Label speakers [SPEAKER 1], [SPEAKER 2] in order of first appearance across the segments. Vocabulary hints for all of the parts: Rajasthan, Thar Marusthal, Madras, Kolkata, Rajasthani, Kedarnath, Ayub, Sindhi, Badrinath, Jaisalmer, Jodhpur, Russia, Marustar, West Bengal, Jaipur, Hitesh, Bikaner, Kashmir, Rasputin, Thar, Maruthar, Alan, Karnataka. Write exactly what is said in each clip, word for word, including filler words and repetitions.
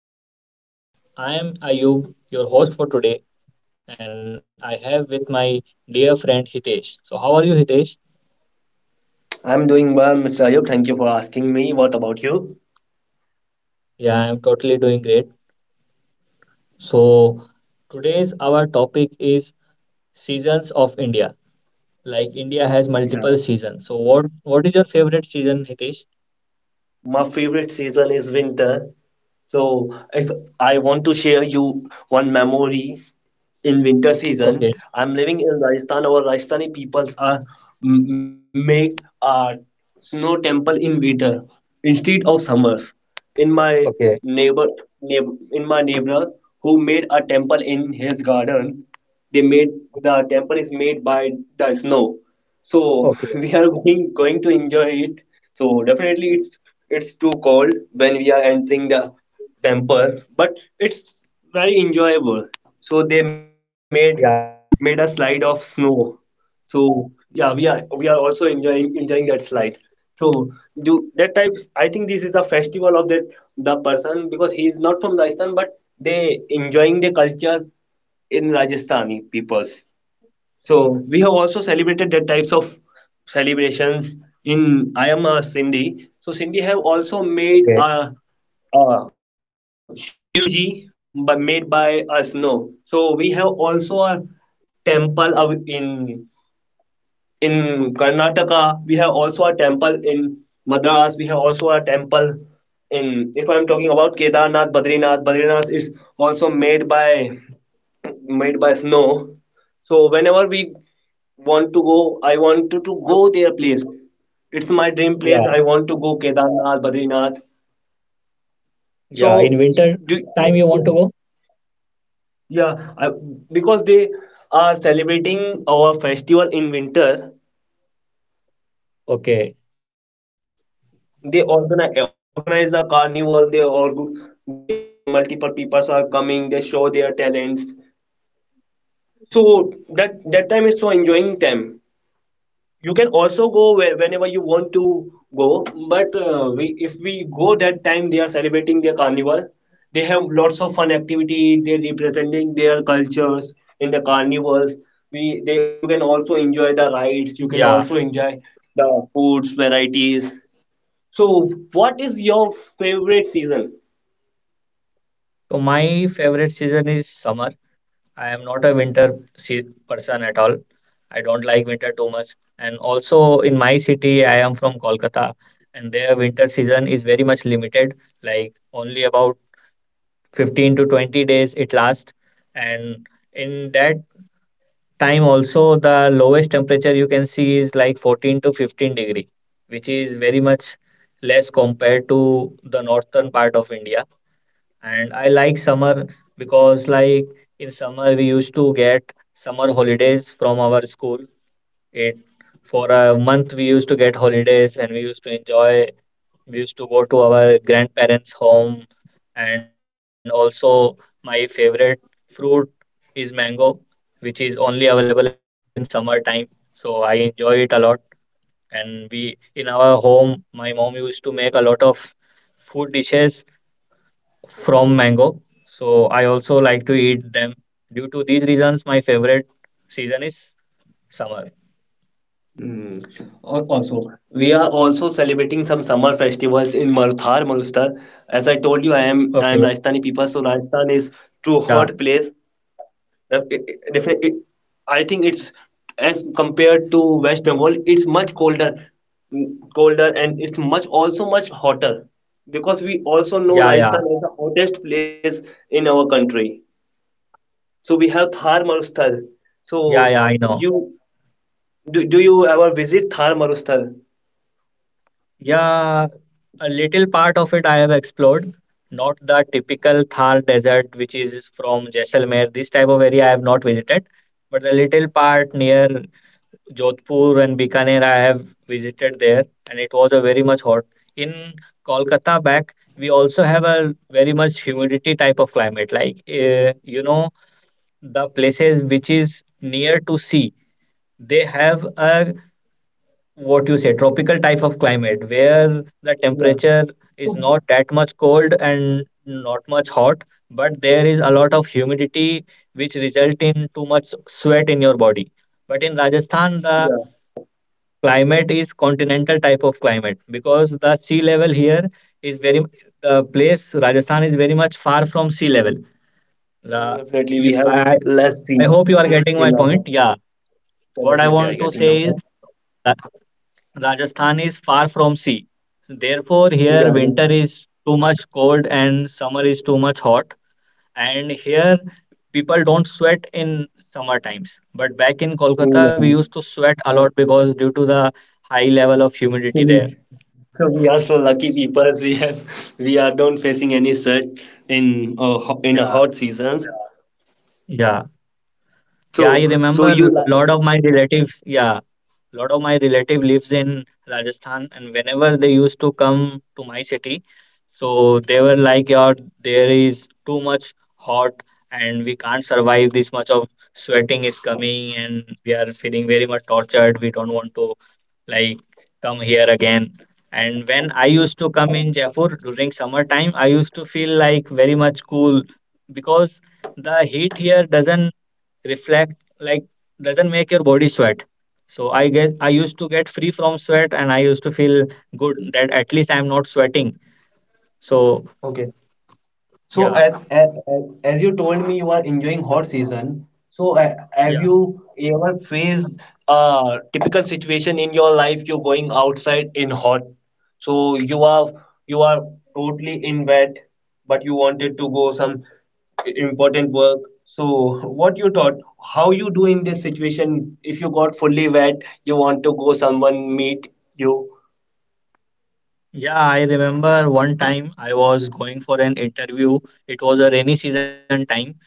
[SPEAKER 1] our T P podcast. I am Ayub, your host for today, and I have with my dear friend Hitesh. So, how are you, Hitesh?
[SPEAKER 2] I'm doing well, mister Ayub. Thank you for asking me. What about you?
[SPEAKER 1] Yeah, I am totally doing great. So, today's our topic is seasons of India. Like India
[SPEAKER 2] Yeah.
[SPEAKER 1] has multiple seasons. So, what what is your favorite season, Hitesh?
[SPEAKER 2] My favorite season is winter. So if I want to share you one memory in winter season, I'm
[SPEAKER 1] Okay,
[SPEAKER 2] living in Rajasthan. Our Rajasthani peoples are m- make a snow temple in winter instead of summers. In my
[SPEAKER 1] okay,
[SPEAKER 2] neighbor, neighbor in my neighbor who made a temple in his garden, they made the temple is made by the snow. So we are
[SPEAKER 1] okay.
[SPEAKER 2] going going to enjoy it. So definitely it's it's too cold when we are entering the temple, but it's very enjoyable. So they made
[SPEAKER 1] Yeah,
[SPEAKER 2] made a slide of snow. So yeah, we are we are also enjoying enjoying that slide. So do that type, I think this is a festival of that. The person, because he is not from Rajasthan, but they enjoying the culture in Rajasthani peoples. So we have also celebrated that types of celebrations in, I am a Sindhi. So Sindhi have also made a,
[SPEAKER 1] okay.
[SPEAKER 2] a Shivji but made by us, no. So we have also a temple of- in in Karnataka. We have also a temple in Madras. We have also a temple in, if I'm talking about Kedarnath, Badrinath, Badrinath is also made by made by snow. So whenever we want to go, I want to, to go their place. It's my
[SPEAKER 1] Yeah,
[SPEAKER 2] dream place. I want to go Kedarnath, Badrinath.
[SPEAKER 1] yeah. In
[SPEAKER 2] So
[SPEAKER 1] winter
[SPEAKER 2] do
[SPEAKER 1] time, you want to go?
[SPEAKER 2] yeah, I, because they are celebrating our festival in winter.
[SPEAKER 1] Okay.
[SPEAKER 2] They organize organize a carnival. They org- there are multiple peoples are coming, they show their talents. So that that time is so enjoying time. You can also go where, whenever you want to go, but uh, we if we go that time, they are celebrating their carnival. They have lots of fun activity, they representing their cultures in the carnivals. We they you can also enjoy the
[SPEAKER 1] Yeah.
[SPEAKER 2] rides, you can also enjoy the foods varieties. So, what is your favorite season?
[SPEAKER 1] So my favorite season is summer. I am not a winter se- person at all. I don't like winter too much. And also in my city, I am from Kolkata, and their winter season is very much limited, like only about fifteen to twenty days it lasts. And in that time also, the lowest temperature you can see is like fourteen to fifteen degree, which is very much less compared to the northern part of India. And I like summer because, like, in summer we used to get summer holidays from our school. It For a month we used to get holidays and we used to enjoy. We used to go to our grandparents' home, and also my favorite fruit is mango, which is only available in summer time. So I enjoy it a lot. And we in our home, my mom used to make a lot of food dishes from mango. So I also like to eat them. Due to these reasons, my favorite season is summer.
[SPEAKER 2] Mm. Al- Also, we are also celebrating some summer festivals in Maruthar, Marustar. As I told you, I am I am
[SPEAKER 1] Okay.
[SPEAKER 2] Rajasthani people, so Rajasthan is too hot
[SPEAKER 1] Yeah.
[SPEAKER 2] place. Def- it- it- definite- it- I think it's, as compared to West Bengal, it's much colder, mm, colder, and it's much also much hotter, because we also
[SPEAKER 1] Yeah.
[SPEAKER 2] know
[SPEAKER 1] Yeah.
[SPEAKER 2] Rajasthan is the hottest place in our country. So we have Thar Marusthal.
[SPEAKER 1] Yeah. Yeah.
[SPEAKER 2] So
[SPEAKER 1] I know.
[SPEAKER 2] you do, do you ever visit Thar Marusthal?
[SPEAKER 1] Yeah. A little part of it I have explored. Not the typical Thar desert, which is from Jaisalmer. This type of area I have not visited. But the little part near Jodhpur and Bikaner, I have visited there, and it was a very much hot. In Kolkata back, we also have a very much humidity type of climate. Like uh, you know, the places which is near to sea, they have a what you say tropical type of climate where the
[SPEAKER 2] Yeah,
[SPEAKER 1] temperature is not that much cold and not much hot, but there is a lot of humidity which result in too much sweat in your body. But in Rajasthan, the
[SPEAKER 2] yeah.
[SPEAKER 1] climate is continental type of climate because the sea level here is very the place Rajasthan is very much far from sea level.
[SPEAKER 2] Mm,
[SPEAKER 1] Uh,
[SPEAKER 2] Definitely, we
[SPEAKER 1] you,
[SPEAKER 2] have
[SPEAKER 1] I,
[SPEAKER 2] lassi
[SPEAKER 1] I hope you are getting my
[SPEAKER 2] in
[SPEAKER 1] point.
[SPEAKER 2] our.
[SPEAKER 1] Yeah,
[SPEAKER 2] Yeah,
[SPEAKER 1] what I
[SPEAKER 2] definitely, I
[SPEAKER 1] want to
[SPEAKER 2] getting your
[SPEAKER 1] say is
[SPEAKER 2] point.
[SPEAKER 1] uh, Rajasthan is far from sea. Therefore, here
[SPEAKER 2] Yeah, yeah.
[SPEAKER 1] winter is too much cold and summer is too much hot. And here people don't sweat in summer times. But back in Kolkata, we
[SPEAKER 2] Yeah.
[SPEAKER 1] used to sweat a lot because due to the high level of
[SPEAKER 2] So
[SPEAKER 1] humidity
[SPEAKER 2] we
[SPEAKER 1] there.
[SPEAKER 2] so we are so lucky people. as We have we are don't facing any sweat in uh, ho- in a
[SPEAKER 1] Yeah.
[SPEAKER 2] hot seasons.
[SPEAKER 1] Yeah, yeah, I
[SPEAKER 2] So so
[SPEAKER 1] remember
[SPEAKER 2] you
[SPEAKER 1] a
[SPEAKER 2] like
[SPEAKER 1] lot of my relatives. Yeah, a lot of my relative lives in Rajasthan, and whenever they used to come to my city, so they were like, "Yeah, there is too much hot, and we can't survive. This much of sweating is coming, and we are feeling very much tortured. We don't want to like come here again." And when I used to come in Jaipur during summer time, I used to feel like very much cool because the heat here doesn't reflect like doesn't make your body sweat, so i get i used to get free from sweat and I used to feel good that at least I'm not sweating, so
[SPEAKER 2] okay. So,
[SPEAKER 1] yeah.
[SPEAKER 2] as, as, as you told me, you are enjoying hot season. So, uh, have
[SPEAKER 1] Yeah.
[SPEAKER 2] you ever faced a typical situation in your life? You're going outside in hot, so you are you are totally in wet, but you wanted to go some important work. So, what you thought? How you do in this situation? If you got fully wet, you want to go someone meet you.
[SPEAKER 1] Yeah, I remember one time I was going for an interview. It was a rainy season time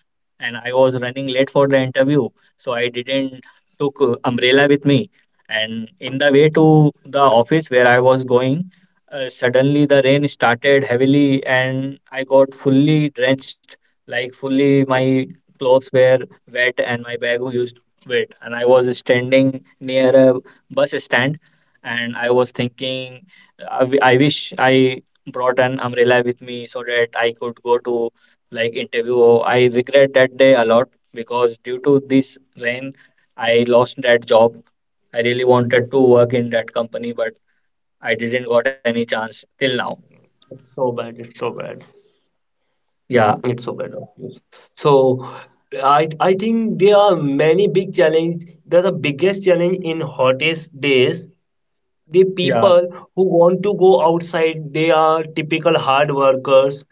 [SPEAKER 1] and I was running late for the interview. So I didn't took uh, umbrella with me. And in the way to the office where I was going, uh, suddenly the rain started heavily and I got fully drenched, like fully my clothes were wet and my bag was wet. And I was standing near a bus stand and I was thinking I, w- I wish I brought an umbrella with me so that I could go to like interview. I regret that day a lot because due to this rain, I lost that job. I really wanted to work in that company, but I didn't got any chance till now.
[SPEAKER 2] So bad, it's so bad.
[SPEAKER 1] Yeah,
[SPEAKER 2] It's so bad of you. So I I think there are many big challenge. There's the biggest challenge in hottest days. The
[SPEAKER 1] yeah,
[SPEAKER 2] people who want to go outside, they are typical hard workers.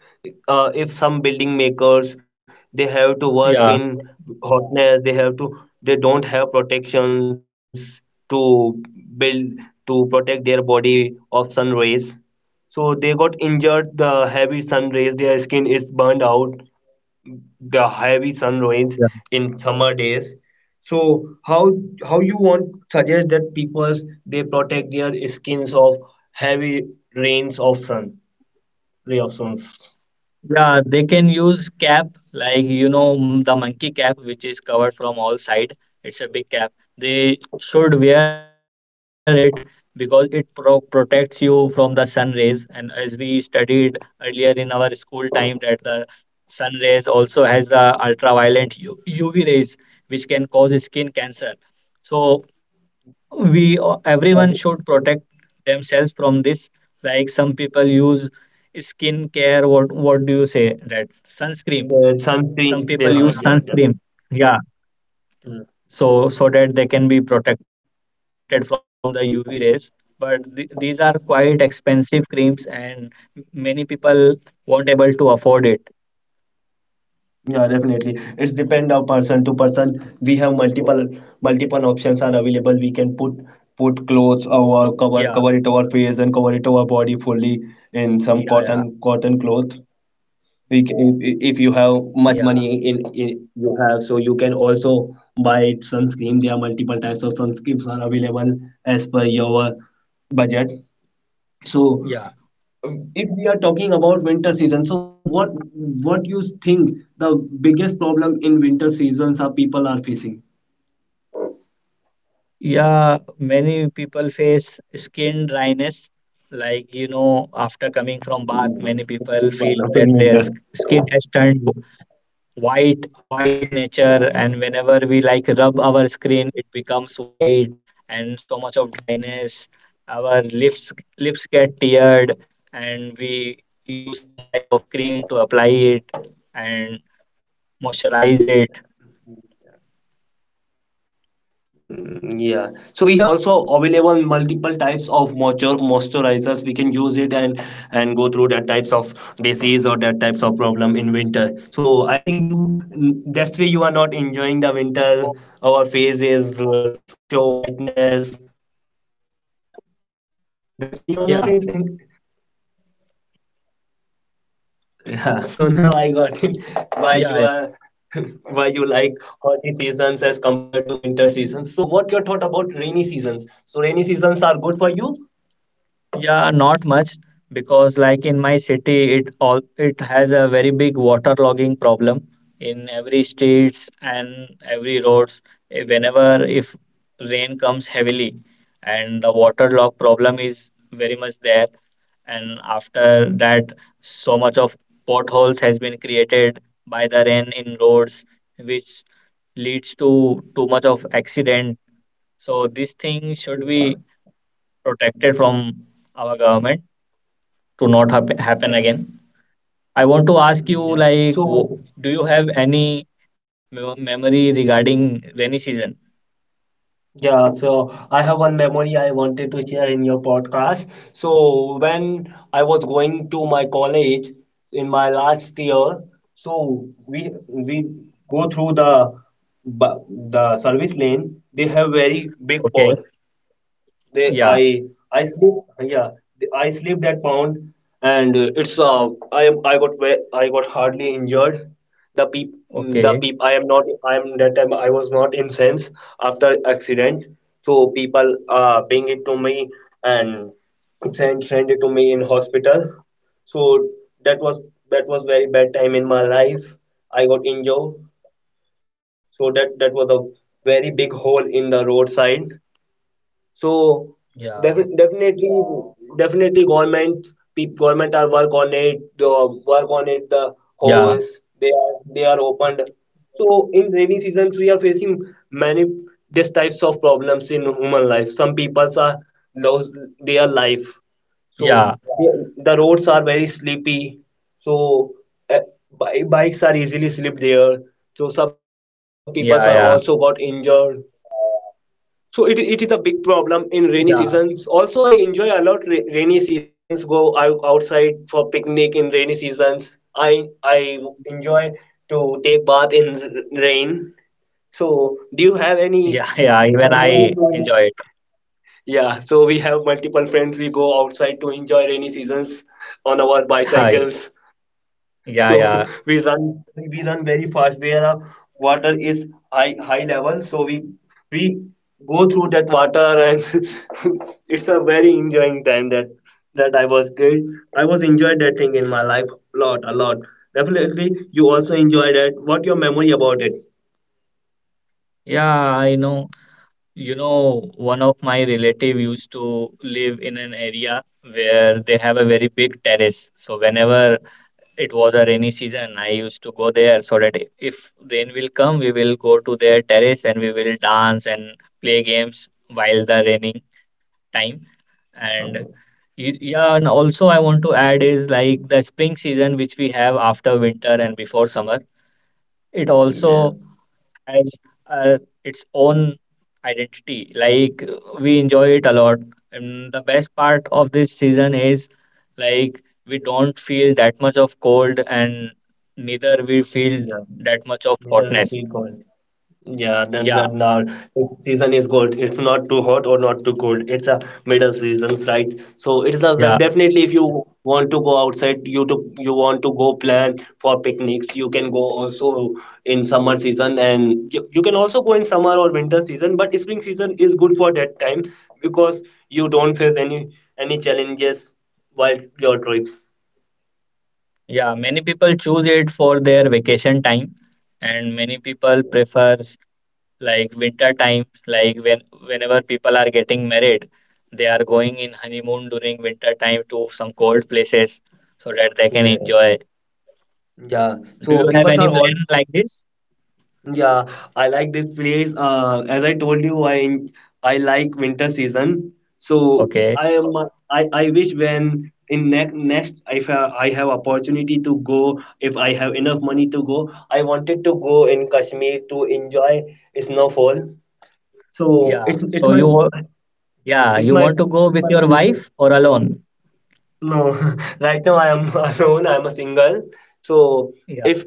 [SPEAKER 2] Uh, if some building makers, they have to work in
[SPEAKER 1] yeah, yeah.
[SPEAKER 2] hotness. They have to. They don't have protections to build to protect their body of sun rays. So they got injured. The heavy sun rays. Their skin is burned out, the heavy sun rains in summer days. So how how you want suggest that peoples they protect their skins of heavy rains of sun ray of suns.
[SPEAKER 1] Yeah, they can use cap like you know m- the monkey cap which is covered from all side. It's a big cap. They should wear it because it pro protects you from the sun rays. And as we studied earlier in our school time, that the sun rays also has the ultraviolet U- UV rays which can cause skin cancer. So we everyone should
[SPEAKER 2] Yeah, the
[SPEAKER 1] protect themselves from this, like some people use skin care. what what do you say, that sunscreen? Some
[SPEAKER 2] the
[SPEAKER 1] people use
[SPEAKER 2] sunscreens, they
[SPEAKER 1] sunscreen,
[SPEAKER 2] are, yeah,
[SPEAKER 1] yeah,
[SPEAKER 2] yeah.
[SPEAKER 1] so
[SPEAKER 2] Mm.
[SPEAKER 1] so that they can be protected from the UV rays. But th- these are quite expensive creams and many people won't able to afford it.
[SPEAKER 2] Yeah, definitely. It's depend on person to person. We have multiple multiple options are available. We can put put clothes
[SPEAKER 1] Yeah.
[SPEAKER 2] over, cover cover it our face and cover it our body fully
[SPEAKER 1] Yeah. Yeah.
[SPEAKER 2] in some cotton cotton cloth. We ca- if, if you have
[SPEAKER 1] Yeah.
[SPEAKER 2] much money in, in you have, so you can also buy sunscreen. There are multiple types of sunscreens are available as per your budget.
[SPEAKER 1] Yeah,
[SPEAKER 2] So if we are talking about winter season, so what what you think the biggest problem in winter seasons are people are facing?
[SPEAKER 1] Yeah, many people face skin dryness. Like, you know, after coming from bath, many people
[SPEAKER 2] Mm,
[SPEAKER 1] feel
[SPEAKER 2] it's a
[SPEAKER 1] that
[SPEAKER 2] big
[SPEAKER 1] their sk-
[SPEAKER 2] problem in
[SPEAKER 1] skin
[SPEAKER 2] winter.
[SPEAKER 1] has turned white, white in nature. And whenever we like rub our skin, it becomes white and so much of dryness. Our lips lips get teared, and we use some type of cream to apply it and moisturize it.
[SPEAKER 2] Mm, yeah. So we have also available multiple types of moisture moisturizers. We can use it, and and go through that types of disease or that types of problem in winter. So I think you n- that's why you are not enjoying the winter. Our faces, uh, show whiteness.
[SPEAKER 1] Yeah,
[SPEAKER 2] That's why you are not enjoying. Yeah. So now
[SPEAKER 1] yeah.
[SPEAKER 2] I got it. Why you are why you like hot seasons as compared to winter seasons. So what your thought about rainy seasons? So rainy seasons are good for you?
[SPEAKER 1] Yeah, not much because like in my city it all it has a very big waterlogging problem in every streets and every roads. Eh, whenever if rain comes heavily and the waterlog problem is very much there, and after that so much of potholes has been created by the rain in roads, which leads to too much of accident. So this thing should be protected from our government to not hap- happen again.
[SPEAKER 2] Yeah.
[SPEAKER 1] I want to ask you,
[SPEAKER 2] Mm,
[SPEAKER 1] like,
[SPEAKER 2] yeah.
[SPEAKER 1] wo- do
[SPEAKER 2] So,
[SPEAKER 1] you have any mem- memory regarding rainy season?
[SPEAKER 2] yeah. So, I have one memory I wanted to share in your podcast. So, when I was going to my college in my last year, so we we go through the bu- the service lane. They have very big pod.
[SPEAKER 1] Okay.
[SPEAKER 2] They, I,
[SPEAKER 1] Yeah.
[SPEAKER 2] I sleep. Yeah, the- I sleep at pound, and uh, it's uh, I am I got ve- I got hardly injured. The peep, mm, the peep.
[SPEAKER 1] Okay.
[SPEAKER 2] I am not. I am that time. I was not in sense after accident. So people uh bring it to me, and send send it to me in hospital. So that was that was very bad time in my life. I got injured. So that that was a very big hole in the roadside. So
[SPEAKER 1] Yeah.
[SPEAKER 2] defi- definitely, definitely, government peop government are work on it. The work on it. The
[SPEAKER 1] Yeah.
[SPEAKER 2] holes, they are they are opened. So in rainy seasons, we are facing many these types of problems in human life. Some people are lose their life. So
[SPEAKER 1] Yeah.
[SPEAKER 2] the the roads are very sleepy. So uh, bi- bikes are easily slip there. So some people
[SPEAKER 1] Yeah.
[SPEAKER 2] are
[SPEAKER 1] Yeah.
[SPEAKER 2] also got injured. So it, it is a big problem in
[SPEAKER 1] Yeah.
[SPEAKER 2] rainy seasons. Also, I enjoy a lot ra- rainy seasons, go out outside for picnic in rainy seasons. I i enjoy to take bath in r- rain So do you have
[SPEAKER 1] Yeah.
[SPEAKER 2] any
[SPEAKER 1] Yeah. Even I
[SPEAKER 2] memories
[SPEAKER 1] enjoy it.
[SPEAKER 2] doing? Yeah, so we have multiple friends, we go outside to enjoy rainy seasons on our bicycles.
[SPEAKER 1] Yeah.
[SPEAKER 2] So
[SPEAKER 1] Yeah. Yeah.
[SPEAKER 2] we run we run very fast where our water is high high level. So we we go through that water, and it's a very enjoying time, that that I was kid. I was enjoyed that thing in my life a lot, a lot. Definitely you also enjoy that. What your memory about it?
[SPEAKER 1] Yeah. I know. You know, one of my relative used to live in an area where they have a very big terrace. So whenever it was a rainy season, I used to go there so that if rain will come, we will go to their terrace and we will dance and play games while the raining time. And
[SPEAKER 2] Mm,
[SPEAKER 1] y- yeah, and also I want to add is like the spring season which we have after winter and before summer. It
[SPEAKER 2] yeah.
[SPEAKER 1] also as uh, its own identity. Like we enjoy it a lot. And the best part of this season is like we don't feel that much of cold and neither we feel
[SPEAKER 2] Yeah.
[SPEAKER 1] that much of
[SPEAKER 2] Neither with
[SPEAKER 1] hotness.
[SPEAKER 2] me God. Yeah, then
[SPEAKER 1] Yeah,
[SPEAKER 2] then now season is good. It's not too hot or not too cold. It's a middle season, right? So it's a def-
[SPEAKER 1] yeah,
[SPEAKER 2] definitely if you want to go outside, you to you want to go plan for picnics, you can go also in summer season, and you, you can also go in summer or winter season. But spring season is good for that time, because you don't face any any challenges while your trip.
[SPEAKER 1] yeah. Many people choose it for their vacation time and many people prefer like winter time, like when whenever people are getting married they are going in honeymoon during winter time to some cold places so that they can
[SPEAKER 2] Yeah,
[SPEAKER 1] enjoy.
[SPEAKER 2] yeah.
[SPEAKER 1] Do
[SPEAKER 2] So
[SPEAKER 1] you have
[SPEAKER 2] people
[SPEAKER 1] any
[SPEAKER 2] are
[SPEAKER 1] plan
[SPEAKER 2] all.
[SPEAKER 1] like this?
[SPEAKER 2] Yeah, I like this place. Uh, as I told you, I I like winter season. So
[SPEAKER 1] Okay,
[SPEAKER 2] I am I, I wish when in next next, if I, I have opportunity to go, if I have enough money to go, I wanted to go in Kashmir to enjoy snowfall. So
[SPEAKER 1] yeah,
[SPEAKER 2] it's it's
[SPEAKER 1] so
[SPEAKER 2] my
[SPEAKER 1] you wa- yeah,
[SPEAKER 2] it's
[SPEAKER 1] you
[SPEAKER 2] my
[SPEAKER 1] want to go
[SPEAKER 2] it's
[SPEAKER 1] with
[SPEAKER 2] my
[SPEAKER 1] your
[SPEAKER 2] dream place.
[SPEAKER 1] wife or alone?
[SPEAKER 2] No, right now I am alone. I am a single. So
[SPEAKER 1] Yeah,
[SPEAKER 2] if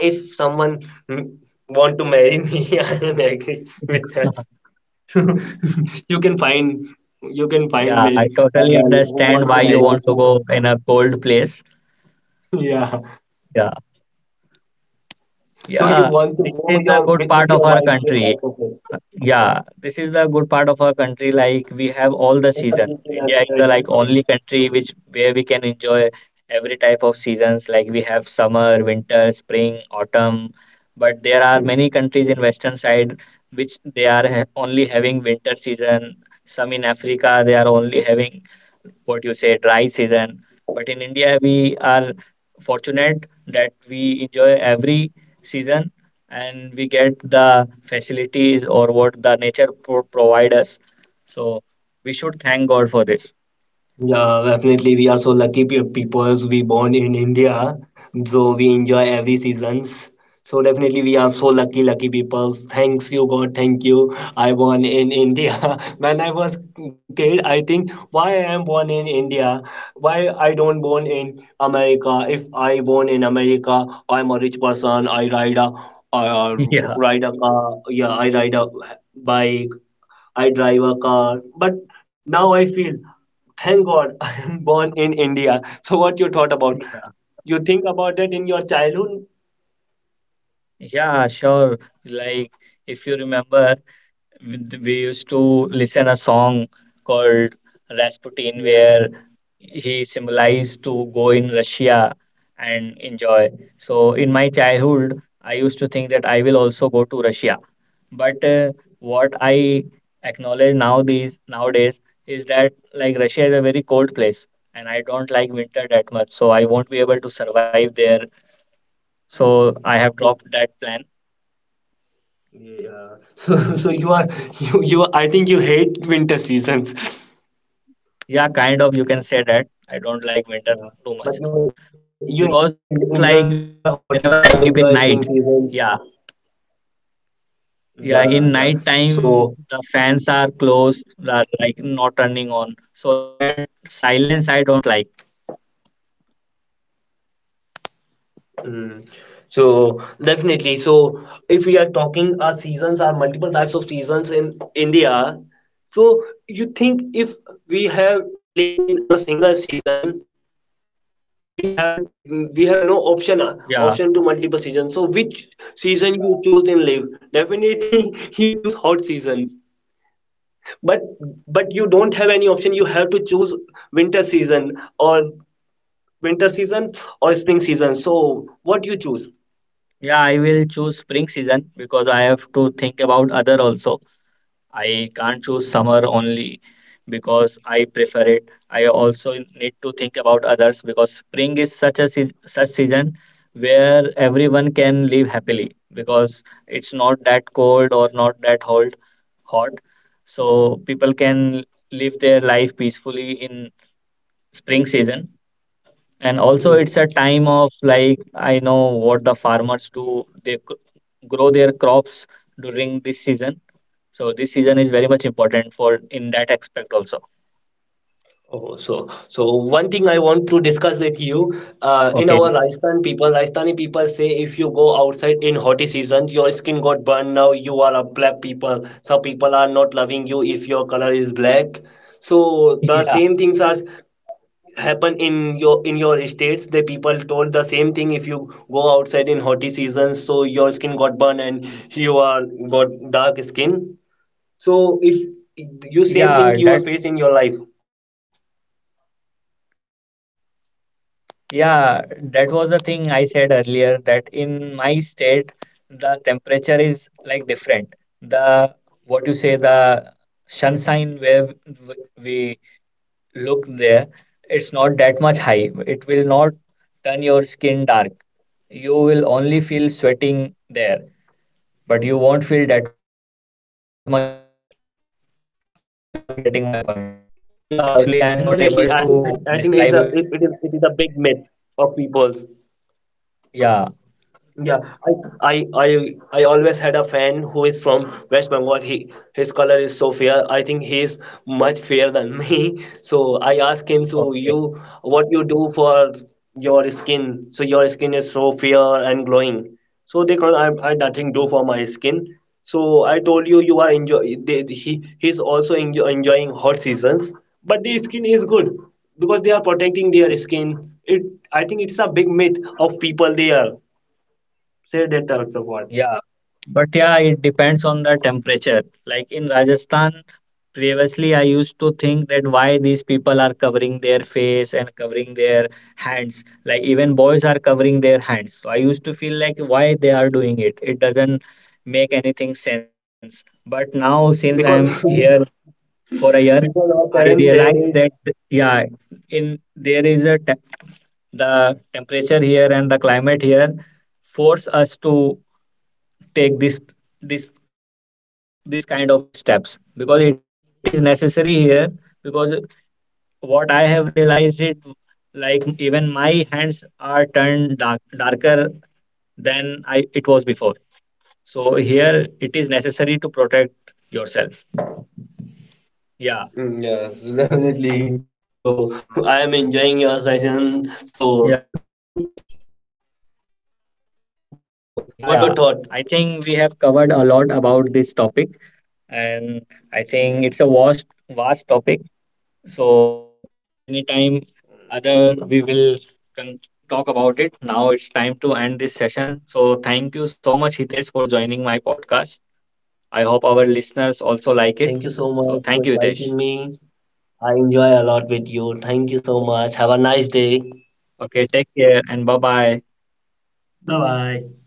[SPEAKER 2] If someone mm, want to marry me, I am agree with that. You can find you can find
[SPEAKER 1] yeah,
[SPEAKER 2] me
[SPEAKER 1] I
[SPEAKER 2] a
[SPEAKER 1] totally
[SPEAKER 2] girl who
[SPEAKER 1] understand
[SPEAKER 2] want
[SPEAKER 1] why
[SPEAKER 2] to
[SPEAKER 1] you
[SPEAKER 2] marry
[SPEAKER 1] want
[SPEAKER 2] with
[SPEAKER 1] to
[SPEAKER 2] you.
[SPEAKER 1] go in a cold place.
[SPEAKER 2] Yeah.
[SPEAKER 1] Yeah,
[SPEAKER 2] So you
[SPEAKER 1] yeah,
[SPEAKER 2] want to
[SPEAKER 1] this is
[SPEAKER 2] go
[SPEAKER 1] the
[SPEAKER 2] your
[SPEAKER 1] good
[SPEAKER 2] with,
[SPEAKER 1] part
[SPEAKER 2] with
[SPEAKER 1] of
[SPEAKER 2] your
[SPEAKER 1] our
[SPEAKER 2] wife, this
[SPEAKER 1] country.
[SPEAKER 2] type of thing.
[SPEAKER 1] Yeah, this is the good part of our country. Like we have all the
[SPEAKER 2] It's a
[SPEAKER 1] season.
[SPEAKER 2] beauty
[SPEAKER 1] India is the like
[SPEAKER 2] national.
[SPEAKER 1] only country which where we can enjoy every type of seasons. Like we have summer, winter, spring, autumn. But there are many countries in western side which they are ha only having winter season. Some in Africa they are only having what you say dry season, but in India we are fortunate that we enjoy every season and we get the facilities or what the nature pro- provide us. So we should thank god for this.
[SPEAKER 2] Yeah, definitely. We are so lucky pe- peoples. We born in India, so we enjoy every seasons. So definitely, we are so lucky, lucky peoples. Thanks you, God. Thank you. I born in India. When I was kid, I think, why I am born in India? Why I don't born in America? If I born in America, I am a rich person. I ride a, uh,
[SPEAKER 1] Yeah.
[SPEAKER 2] ride a car. Yeah, I ride a bike. I drive a car. But now I feel. Thank God, I am born in India. So what you thought about?
[SPEAKER 1] Yeah,
[SPEAKER 2] You think about it in your childhood?
[SPEAKER 1] yeah, sure, like, if you remember, with- we used to listen a song called Rasputin
[SPEAKER 2] Yeah.
[SPEAKER 1] where he symbolized to go in Russia and enjoy. So in my childhood, I used to think that I will also go to Russia. But uh, what I acknowledge now these nowadays is that like Russia is a very cold place and I don't like winter that much. So I won't be able to survive there. So I have
[SPEAKER 2] so-
[SPEAKER 1] dropped that plan.
[SPEAKER 2] Yeah. So, so, you are you you are- I think you hate winter seasons.
[SPEAKER 1] Yeah, kind of, you can say that. I don't like winter
[SPEAKER 2] Yeah.
[SPEAKER 1] too
[SPEAKER 2] But
[SPEAKER 1] much
[SPEAKER 2] you you en-
[SPEAKER 1] because
[SPEAKER 2] enjoy
[SPEAKER 1] like
[SPEAKER 2] hockey
[SPEAKER 1] whenever
[SPEAKER 2] seasons, you
[SPEAKER 1] I
[SPEAKER 2] enjoy
[SPEAKER 1] sleep in
[SPEAKER 2] spring
[SPEAKER 1] night,
[SPEAKER 2] seasons.
[SPEAKER 1] yeah,
[SPEAKER 2] Yeah, yeah.
[SPEAKER 1] yeah, in night
[SPEAKER 2] So,
[SPEAKER 1] time the fans are closed, are like not turning on. So that silence I don't like.
[SPEAKER 2] mm, so definitely. So, if we are talking, our seasons are multiple types of seasons in India. So, you think if we have live in a single season, we have we have no option
[SPEAKER 1] Yeah.
[SPEAKER 2] uh, option to multiple season. So which season you choose in live, definitely you choose hot season, but but you don't have any option, you have to choose winter season or winter season or spring season. So what you choose?
[SPEAKER 1] Yeah, I will choose spring season because I have to think about other also. I can't choose summer only because I prefer it. I also need to think about others because spring is such a sea- such season where everyone can live happily because it's not that cold or not that hot hot. So people can live their life peacefully in spring season. And also it's
[SPEAKER 2] Mm.
[SPEAKER 1] a time of like I know what the farmers do. They cr- grow their crops during this season, so this season is very much important for in that aspect also.
[SPEAKER 2] Oh, so so one thing I want to discuss with you, uh, in our
[SPEAKER 1] Okay.
[SPEAKER 2] Rajasthan people, Rajasthani people say, if you go outside in hot season, your skin got burned. Now you are a black people. Some people are not loving you if your color is black. So the same things are
[SPEAKER 1] Yeah.
[SPEAKER 2] happen in your in your states. The people told the same thing. If you go outside in hot season, so your skin got burned, and you are got dark skin. So if you same thing you are facing your life.
[SPEAKER 1] Yeah. That, yeah, that was the thing I said earlier that in my state, the temperature is like different. The, what you say, the sunshine where w- we look there, it's not that much high. It will not turn your skin dark. You will only feel sweating there, but you won't feel that much hot. I hope you are getting my point.
[SPEAKER 2] Yeah,
[SPEAKER 1] Actually, I'm
[SPEAKER 2] definitely.
[SPEAKER 1] not
[SPEAKER 2] I think
[SPEAKER 1] able
[SPEAKER 2] I, I
[SPEAKER 1] to
[SPEAKER 2] think it's a
[SPEAKER 1] describe
[SPEAKER 2] it,
[SPEAKER 1] it.
[SPEAKER 2] it is it is a big myth of people.
[SPEAKER 1] Yeah.
[SPEAKER 2] Yeah, I I I I always had a fan who is from West Bengal. He his color is so fair. I think he is much fairer than me. So I asked him, so
[SPEAKER 1] Okay.
[SPEAKER 2] you what you do for your skin? So your skin is so fair and glowing. So they can't add, I nothing do for my skin. So I told you, you are enjoy, they, he he's also enjoy, enjoying hot seasons, but the skin is good because they are protecting their skin. It i think it's a big myth of people, they are say that types of
[SPEAKER 1] Yeah.
[SPEAKER 2] word.
[SPEAKER 1] But yeah, it depends on the temperature. Like in Rajasthan, previously I used to think that why these people are covering their face and covering their hands. Like even boys are covering their hands. So I used to feel like why they are doing it. It doesn't make anything sense. But now since I am here
[SPEAKER 2] Because
[SPEAKER 1] for a year, I
[SPEAKER 2] because our
[SPEAKER 1] realized that,
[SPEAKER 2] parents said it.
[SPEAKER 1] yeah, in there is a te- the temperature here and the climate here force us to take this this this kind of steps because it is necessary here. Because what I have realized it, like even my hands are turned dark, darker than I it was before. So here it is necessary to protect yourself.
[SPEAKER 2] Mm, yeah.
[SPEAKER 1] Yeah.
[SPEAKER 2] Definitely. So I am enjoying your session, so
[SPEAKER 1] Yeah.
[SPEAKER 2] good. So what your
[SPEAKER 1] Yeah.
[SPEAKER 2] thought?
[SPEAKER 1] Yeah, I think we have covered a lot about this topic, and I
[SPEAKER 2] Yeah,
[SPEAKER 1] think it's a vast vast topic. So anytime other we will con- talk about it. Now it's time to end this session. So thank you so much, Hitesh, for joining my podcast. I hope our listeners also like it.
[SPEAKER 2] thank you so
[SPEAKER 1] So
[SPEAKER 2] much for
[SPEAKER 1] thank you, Hitesh.
[SPEAKER 2] inviting me. I enjoy a lot with you. Thank you so much. Have a nice day.
[SPEAKER 1] Okay, take care and bye bye.
[SPEAKER 2] Bye bye.